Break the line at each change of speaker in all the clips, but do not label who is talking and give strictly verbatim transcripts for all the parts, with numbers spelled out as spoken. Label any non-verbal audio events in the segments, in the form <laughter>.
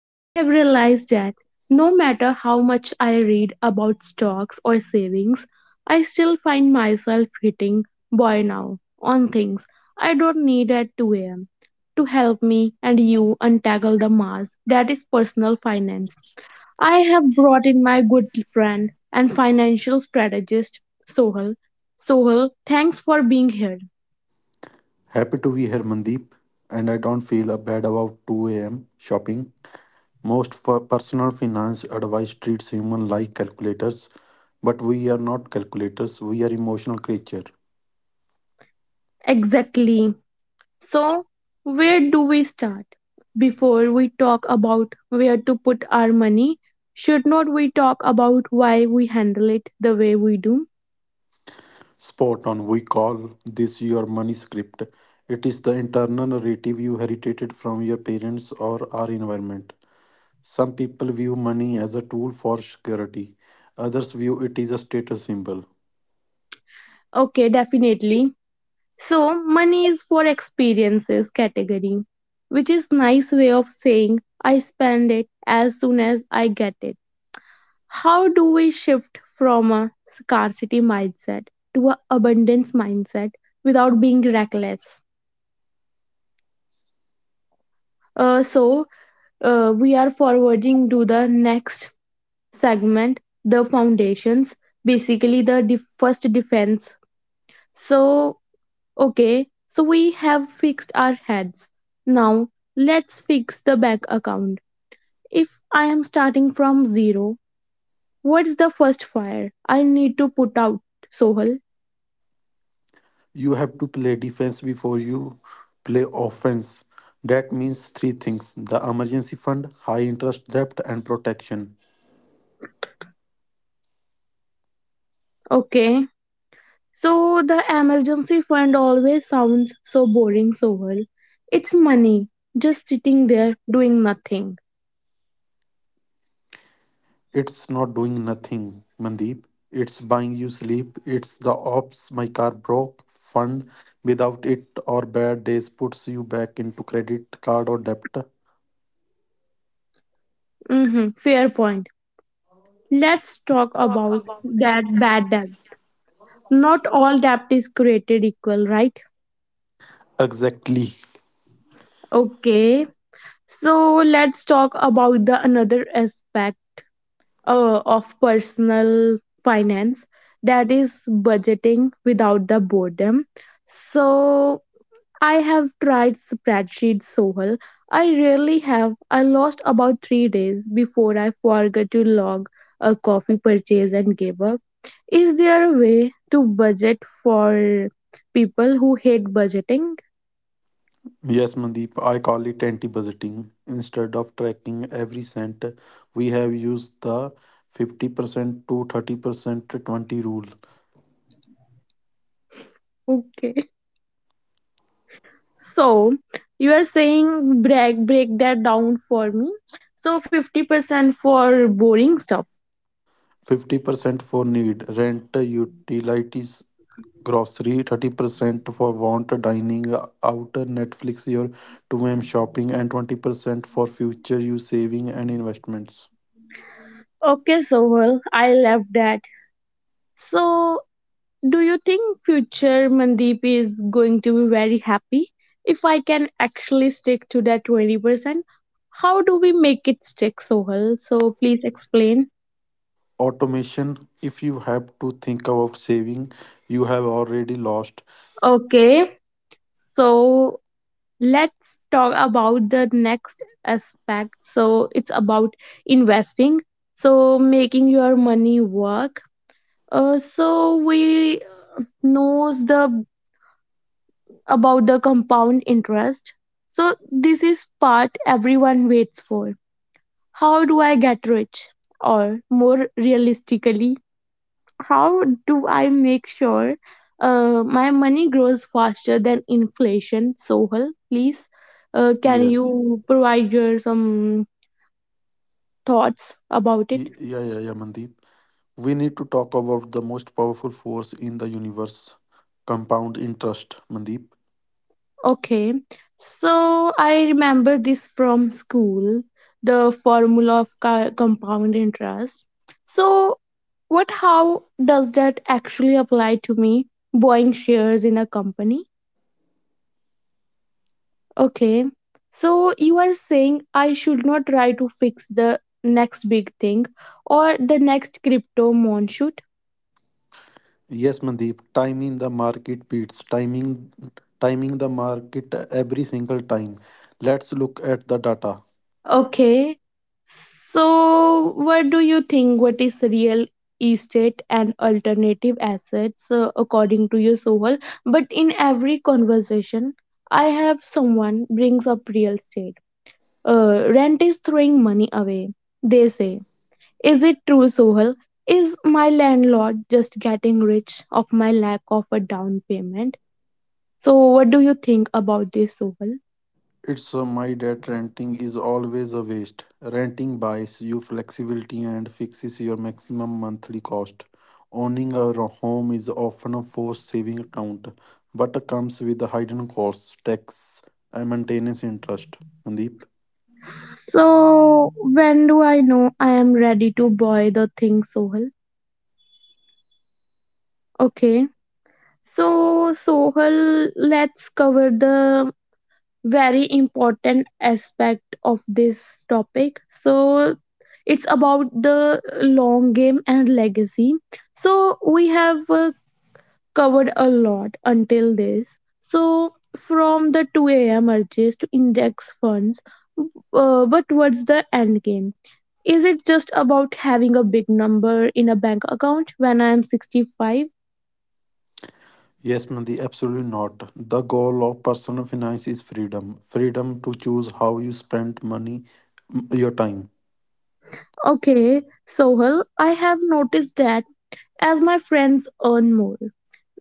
I have realized that no matter how much I read about stocks or savings, I still find myself hitting buy now on things I don't need at two a m to help me and you untangle the mass that is personal finance. I have brought in my good friend and financial strategist, Sohal. Sohal, thanks for being here.
Happy to be here, Mandeep, and I don't feel uh, bad about two a m shopping. Most for personal finance advice treats human like calculators, but we are not calculators, we are emotional creature.
Exactly. So, where do we start? Before we talk about where to put our money, should not we talk about why we handle it the way we do?
Spot on, we call this your money script. It is the internal narrative you inherited from your parents or our environment. Some people view money as a tool for security, others view it as a status symbol.
Okay, definitely. So, money is for experiences category, which is nice way of saying I spend it as soon as I get it. How do we shift from a scarcity mindset to an abundance mindset without being reckless? Uh, so, uh, we are forwarding to the next segment, the foundations, basically, the de- first defense. So, okay, so we have fixed our heads. Now, let's fix the bank account. If I am starting from zero, what's the first fire I need to put out, Sohal?
You have to play defense before you play offense. That means three things the emergency fund, high interest debt, and protection.
Okay. So the emergency fund always sounds so boring, Sohal. It's money, just sitting there doing nothing.
It's not doing nothing, Mandeep. It's buying you sleep. It's the ops, my car broke fund. Without it or bad days puts you back into credit card or debt.
Hmm, fair point. Let's talk about that bad debt. Not all debt is created equal, right?
Exactly.
Okay. So let's talk about the another aspect uh, of personal finance that is budgeting without the boredom. So I have tried spreadsheet Sohal. I really have. I lost about three days before I forgot to log a coffee purchase and gave up. Is there a way to budget for people who hate budgeting?
Yes, Mandeep, I call it anti budgeting. Instead of tracking every cent, we have used the fifty percent to thirty percent twenty rule.
Okay. <laughs> So you are saying break break that down for me. So fifty percent for boring stuff.
fifty percent for need, rent, utilities, grocery, thirty percent for want, dining out, Netflix, your two a m shopping, and twenty percent for future use saving and investments.
Okay, Sohal, I love that. So do you think future Mandeep is going to be very happy if I can actually stick to that twenty percent? How do we make it stick, Sohal? So please explain.
Automation, if you have to think about saving, you have already lost.
Okay, so let's talk about the next aspect. So it's about investing. So making your money work. Uh, so we knows the about the compound interest. So, this is part everyone waits for. How do I get rich? Or more realistically, how do I make sure uh, my money grows faster than inflation? Sohal, please, uh, can
Yes.
you provide your some thoughts about it?
Y- Yeah, yeah, yeah, Mandeep. We need to talk about the most powerful force in the universe compound interest, Mandeep.
Okay, so I remember this from school the formula of co- compound interest. So, what how does that actually apply to me buying shares in a company? Okay, so you are saying I should not try to fix the next big thing or the next crypto moon.
Yes, Mandeep, timing the market beats, timing timing the market every single time. Let's look at the data.
Okay. So, what do you think? What is real estate and alternative assets uh, according to you, Sohal? But in every conversation, I have someone brings up real estate. Uh, rent is throwing money away. They say, "Is it true, Sohal? Is my landlord just getting rich of my lack of a down payment?" So, what do you think about this, Sohal?
It's uh, my debt renting is always a waste. Renting buys you flexibility and fixes your maximum monthly cost. Owning a ro- home is often a forced saving account, but comes with a hidden costs, tax, and maintenance interest. Mandeep?
So, when do I know I am ready to buy the thing, Sohal? Okay. So, Sohal, let's cover the very important aspect of this topic. So, it's about the long game and legacy. So, we have uh, covered a lot until this. So from the two a m urges to index funds, uh, but what's the end game? Is it just about having a big number in a bank account when I am sixty-five?
Yes, Mandeep, absolutely not. The goal of personal finance is freedom freedom to choose how you spend money, m- your time.
Okay, Sohal, I have noticed that as my friends earn more,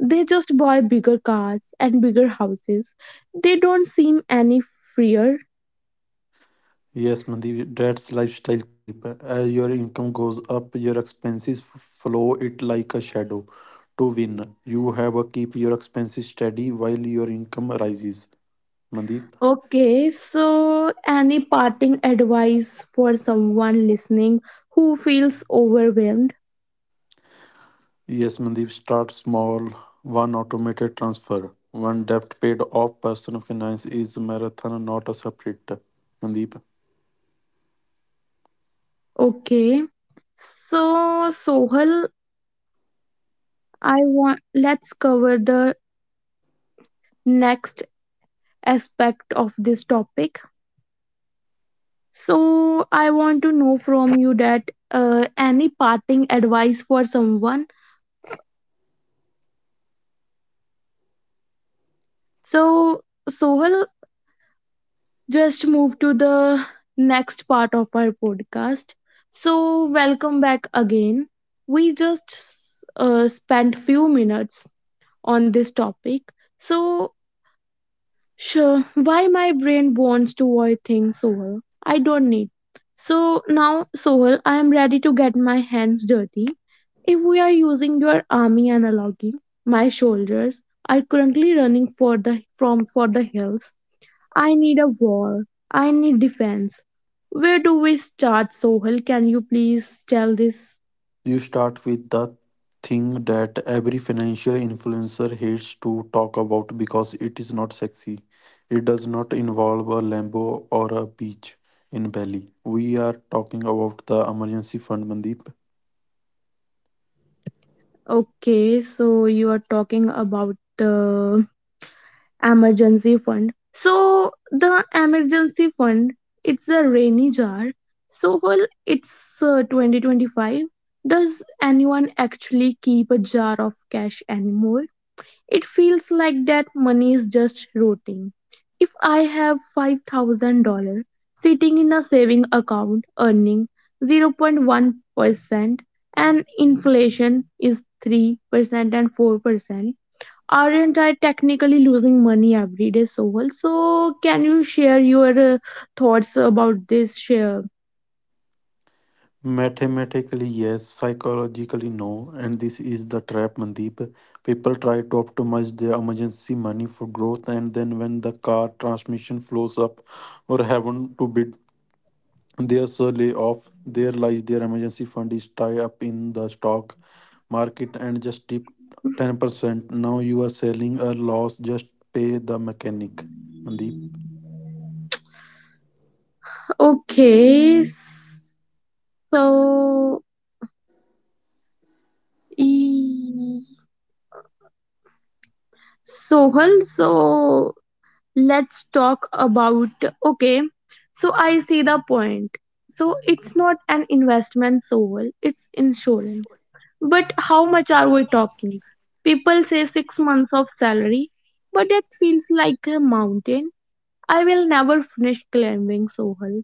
they just buy bigger cars and bigger houses. They don't seem any freer.
Yes, Mandeep, that's lifestyle creep. As your income goes up, your expenses f- follow it like a shadow. To win, you have to keep your expenses steady while your income rises. Mandeep?
Okay, so any parting advice for someone listening who feels overwhelmed?
Yes, Mandeep, start small. One automated transfer, one debt paid off. Personal finance is a marathon, not a sprint. Mandeep?
Okay. So Sohal, I want let's cover the next aspect of this topic. So I want to know from you that uh, any parting advice for someone. So Sohal, just move to the next part of our podcast. So, welcome back again. We just uh, spent few minutes on this topic. So, sure, why my brain wants to avoid things, Sohal? I don't need. So now, Sohal, I am ready to get my hands dirty. If we are using your army analogy, my shoulders are currently running for the from for the hills. I need a wall. I need defense. Where do we start, Sohel? Can you please tell this?
You start with the thing that every financial influencer hates to talk about because it is not sexy. It does not involve a Lambo or a beach in Bali. We are talking about the emergency fund, Mandeep.
Okay, so you are talking about the emergency fund. So the emergency fund, it's a rainy jar. Sohel, it's uh, twenty twenty-five. Does anyone actually keep a jar of cash anymore? It feels like that money is just rotting. If I have five thousand dollars sitting in a saving account earning zero point one percent and inflation is three percent and four percent, aren't I technically losing money every day, Soul? So, can you share your uh, thoughts about this share?
Mathematically, yes, psychologically, no. And this is the trap, Mandeep. People try to optimize their emergency money for growth, and then when the car transmission flows up or happen to bid. They are so lay off There lies their emergency fund is tied up in the stock market and just dipped ten percent. Now you are selling a loss. Just pay the mechanic. Mandeep.
Okay, so. E Sohal, so let's talk about okay. So I see the point. So it's not an investment, Sohal, it's insurance. But how much are we talking? People say six months of salary, but that feels like a mountain. I will never finish climbing, Sohal.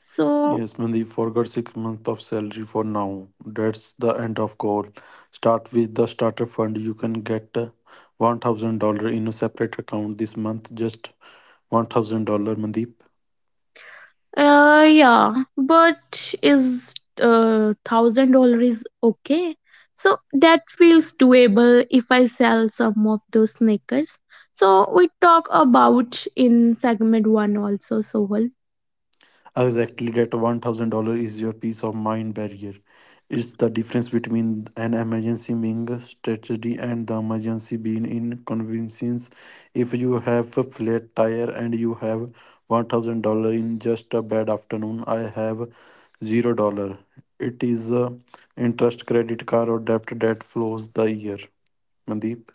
So
Yes, Mandeep forgot six months of salary for now. That's the end of call. Start with the starter fund. You can get uh, one thousand dollar in a separate account this month. Just one thousand dollar, Mandeep.
Uh, yeah, but is uh thousand dollar is okay. So that feels doable if I sell some of those sneakers. So we talk about in segment one also, Sohal.
Exactly, that one thousand dollars is your peace of mind barrier. It's the difference between an emergency being a strategy and the emergency being inconvenience. If you have a flat tire and you have one thousand dollars in just a bad afternoon, I have zero dollars. It is a interest credit card or debt that flows the year. Mandeep?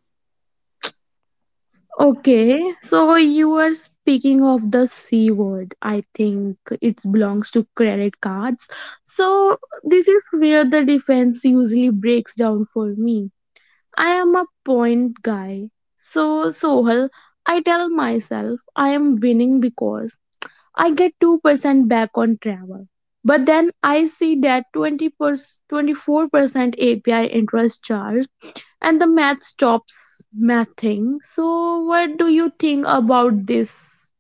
Okay, so you were speaking of the C word. I think it belongs to credit cards. So this is where the defense usually breaks down for me. I am a point guy. So, Sohal, I tell myself I am winning because I get two percent back on travel. But then I see that twenty twenty-four percent A P I interest charge and the math stops mathing. So, what do you think about this?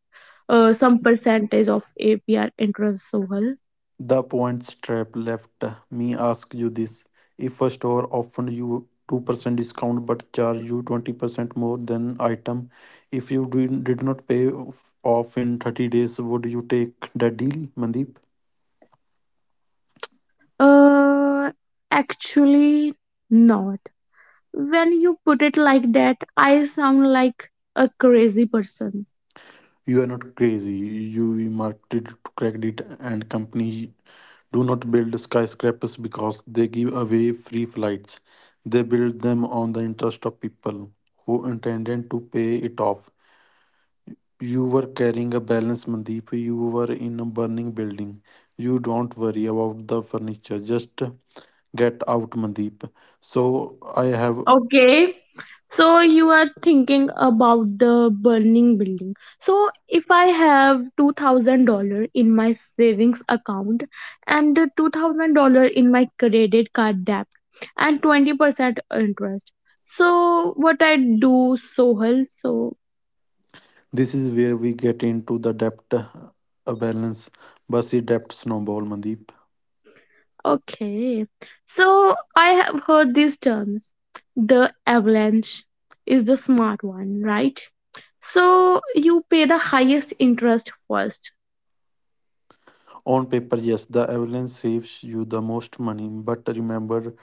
Uh, some percentage of A P I interest, Sohal?
The points trap left me ask you this. If a store offered you two percent discount but charge you twenty percent more than item, if you did, did not pay off off in thirty days, would you take that deal, Mandeep?
Uh, actually, no. When you put it like that, I sound like a crazy person.
You are not crazy. You marketed to credit and company do not build skyscrapers because they give away free flights. They build them on the interest of people who intended to pay it off. You were carrying a balance, Mandeep. You were in a burning building. You don't worry about the furniture. Just get out, Mandeep. So I have.
Okay. So you are thinking about the burning building. So if I have two thousand dollar in my savings account and two thousand dollar in my credit card debt and twenty percent interest. So what I do, Sohal? So
This is where we get into the debt uh, balance versus debt snowball, Mandeep.
okay. So I have heard these terms. The avalanche is the smart one, right? So you pay the highest interest first.
On paper, yes, the avalanche saves you the most money, but remember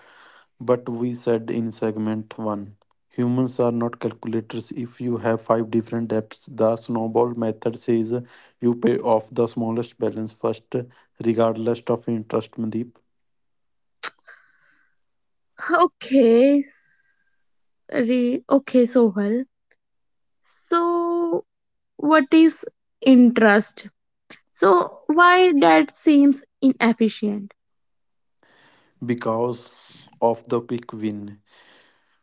But we said in segment one humans are not calculators. If you have five different debts, the snowball method says you pay off the smallest balance first, regardless of interest, Mandeep,
<laughs> Okay. s- Re- okay, Sohal. So what is interest? So why that seems inefficient?
because of the quick win.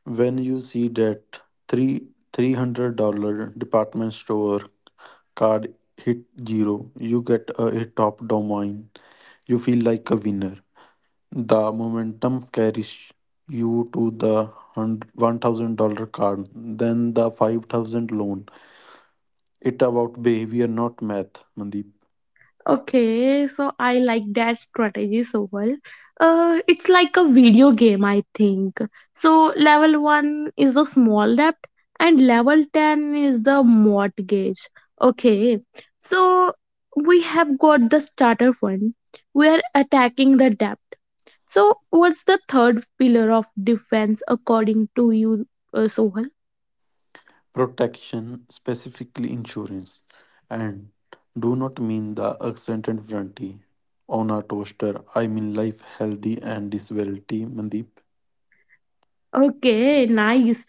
When you see that three $300 department store card hit zero, you get a, a top domain. You feel like a winner. The momentum carries you to the hun- one thousand dollars card, then the five thousand loan. It about behavior, not math, Mandeep.
Okay, so I like that strategy so well. Uh, it's like a video game, I think. So level one is the small debt, and level ten is the mortgage. Okay, so we have got the starter fund. We are attacking the debt. So what's the third pillar of defense according to you, uh, Sohal?
Protection, specifically insurance. And do not mean the accent and warranty on a toaster. I mean life, healthy, and disability, Mandeep.
Okay, nice.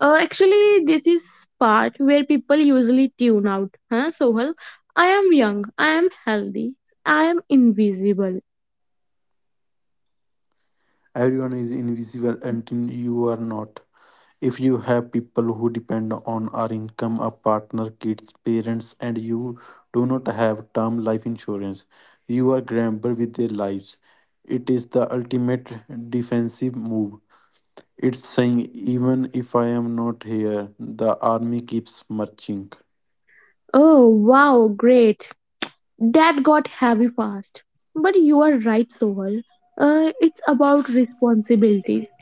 Uh, actually, this is part where people usually tune out. Huh, Sohal? I am young. I am healthy. I am invisible.
Everyone is invisible until you are not. If you have people who depend on our income, a partner, kids, parents, and you do not have term life insurance, you are gambled with their lives. It is the ultimate defensive move. It's saying, even if I am not here, the army keeps marching.
Oh, wow, great. That got heavy fast. But you are right, Sohal. Uh, it's about responsibilities.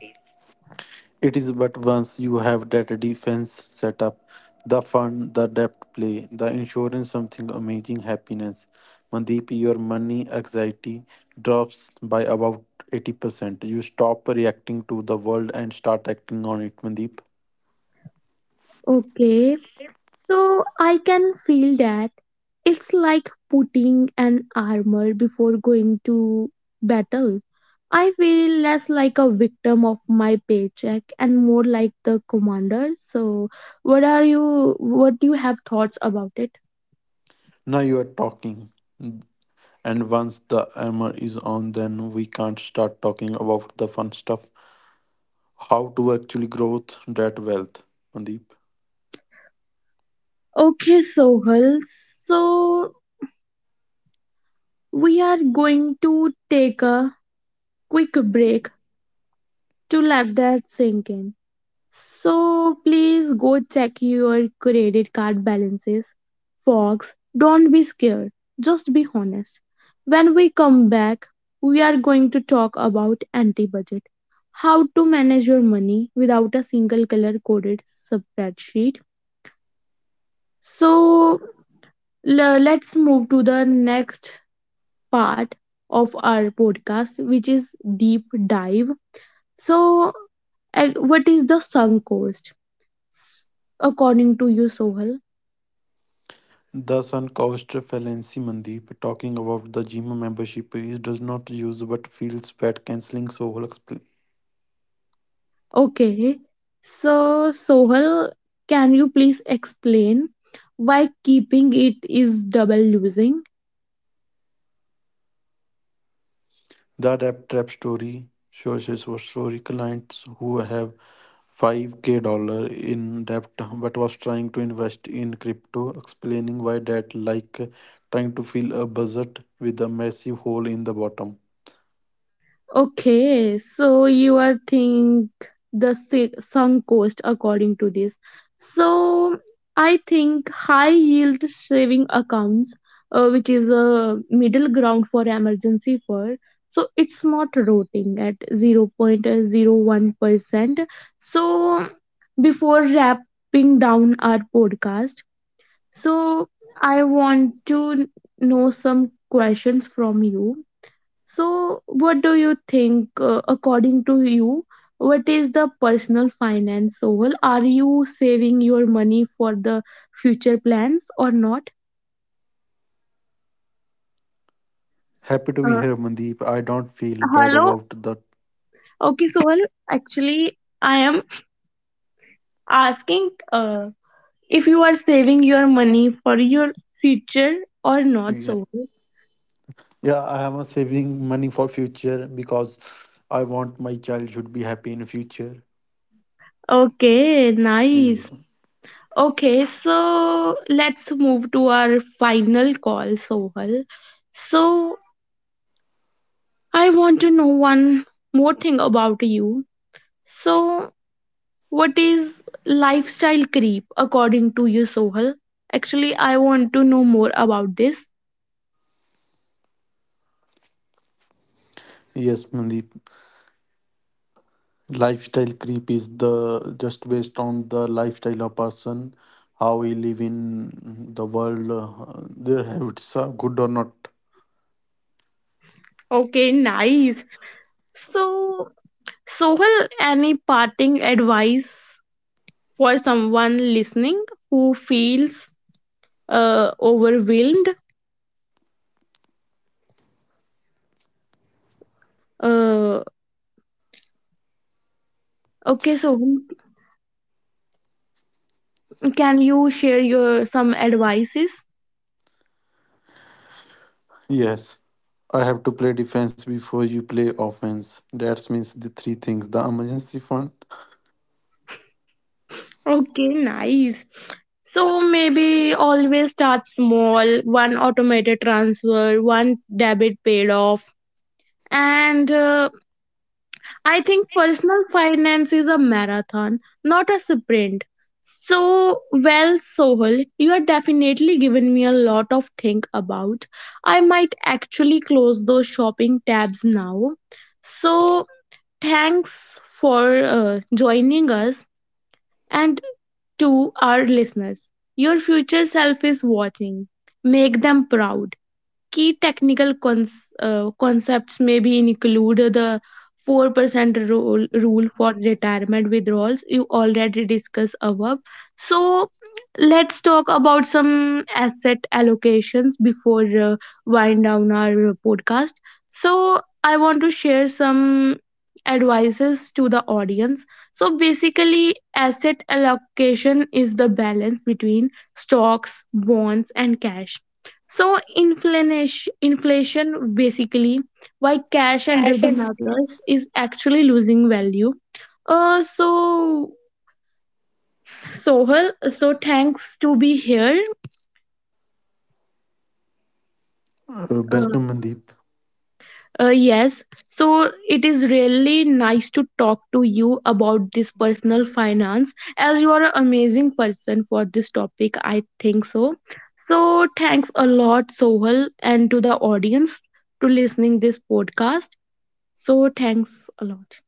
It is but once you have that defense set up, the fund, the debt play, the insurance, something amazing happiness. Mandeep, your money anxiety drops by about eighty percent. You stop reacting to the world and start acting on it, Mandeep.
Okay, so I can feel that. It's like putting an armor before going to battle. I feel less like a victim of my paycheck and more like the commander. So, what are you? What do you have thoughts about it?
Now you are talking. And once the armor is on, then we can't start talking about the fun stuff. How to actually grow that wealth, Mandeep.
Okay, Sohal. So we are going to take a quick break to let that sink in. So please go check your credit card balances. Folks, don't be scared. Just be honest. When we come back, we are going to talk about anti budget. How to manage your money without a single color coded spreadsheet. So le- let's move to the next part of our podcast, which is deep dive. So, uh, what is the sunk cost according to you, Sohal?
The sunk cost fallacy, Mandeep, talking about the gym membership is does not use but feels bad cancelling, so will explain.
Okay, so Sohal, can you please explain why keeping it is double losing?
The rap trap story shows us what story clients who have five k dollar in debt but was trying to invest in crypto, explaining why that like trying to fill a budget with a massive hole in the bottom.
Okay, so you are think the si- sunk cost according to this. So I think high yield saving accounts, uh, which is a middle ground for emergency fund. So it's not rotting at zero point zero one percent. So before wrapping down our podcast, so I want to know some questions from you so, what do you think, uh, according to you, what is the personal finance goal? Are you saving your money for the future plans or not?
Happy to be
Uh,
here, Mandeep. I don't feel bad
hello.
about that.
Okay, so well, actually, I am asking uh, if you are saving your money for your future or not.
Yeah.
So,
Yeah, I am uh, saving money for future because I want my child should be happy in future.
okay,
Yeah.
nice. Okay, so let's move to our final call, Sohal. So, I want to know one more thing about you. So, what is lifestyle creep according to you, Sohal? Actually, I want to know more about this.
Yes, Mandeep. Lifestyle creep is the just based on the lifestyle of person, how he live in the world, uh, their habits are good or not.
Okay, nice. So, Sohal, any parting advice for someone listening who feels uh, overwhelmed? Uh, okay, so can you share your some advices?
Yes. I have to play defense before you play offense. That means the three things. The emergency fund.
Okay, nice. So maybe always start small, one automated transfer, one debit paid off. And uh, I think personal finance is a marathon, not a sprint. So, well, Sohal, you are definitely given me a lot of think about. I might actually close those shopping tabs now. So, thanks for uh, joining us and to our listeners, your future self is watching. Make them proud. Key technical cons- uh, concepts may be include the four percent rule, rule for retirement withdrawals you already discussed above. So let's talk about some asset allocations before uh, wind down our podcast. So I want to share some advices to the audience. So basically asset allocation is the balance between stocks bonds and cash. So inflation, inflation basically why cash under the mattress is actually losing value. Uh, so Sohal, so thanks to be here.
Uh,
Uh,
welcome, Mandeep.
uh, yes, so it is really nice to talk to you about this personal finance as you are an amazing person for this topic. I think so. So thanks a lot, Sohal, and to the audience to listening this podcast. So thanks a lot.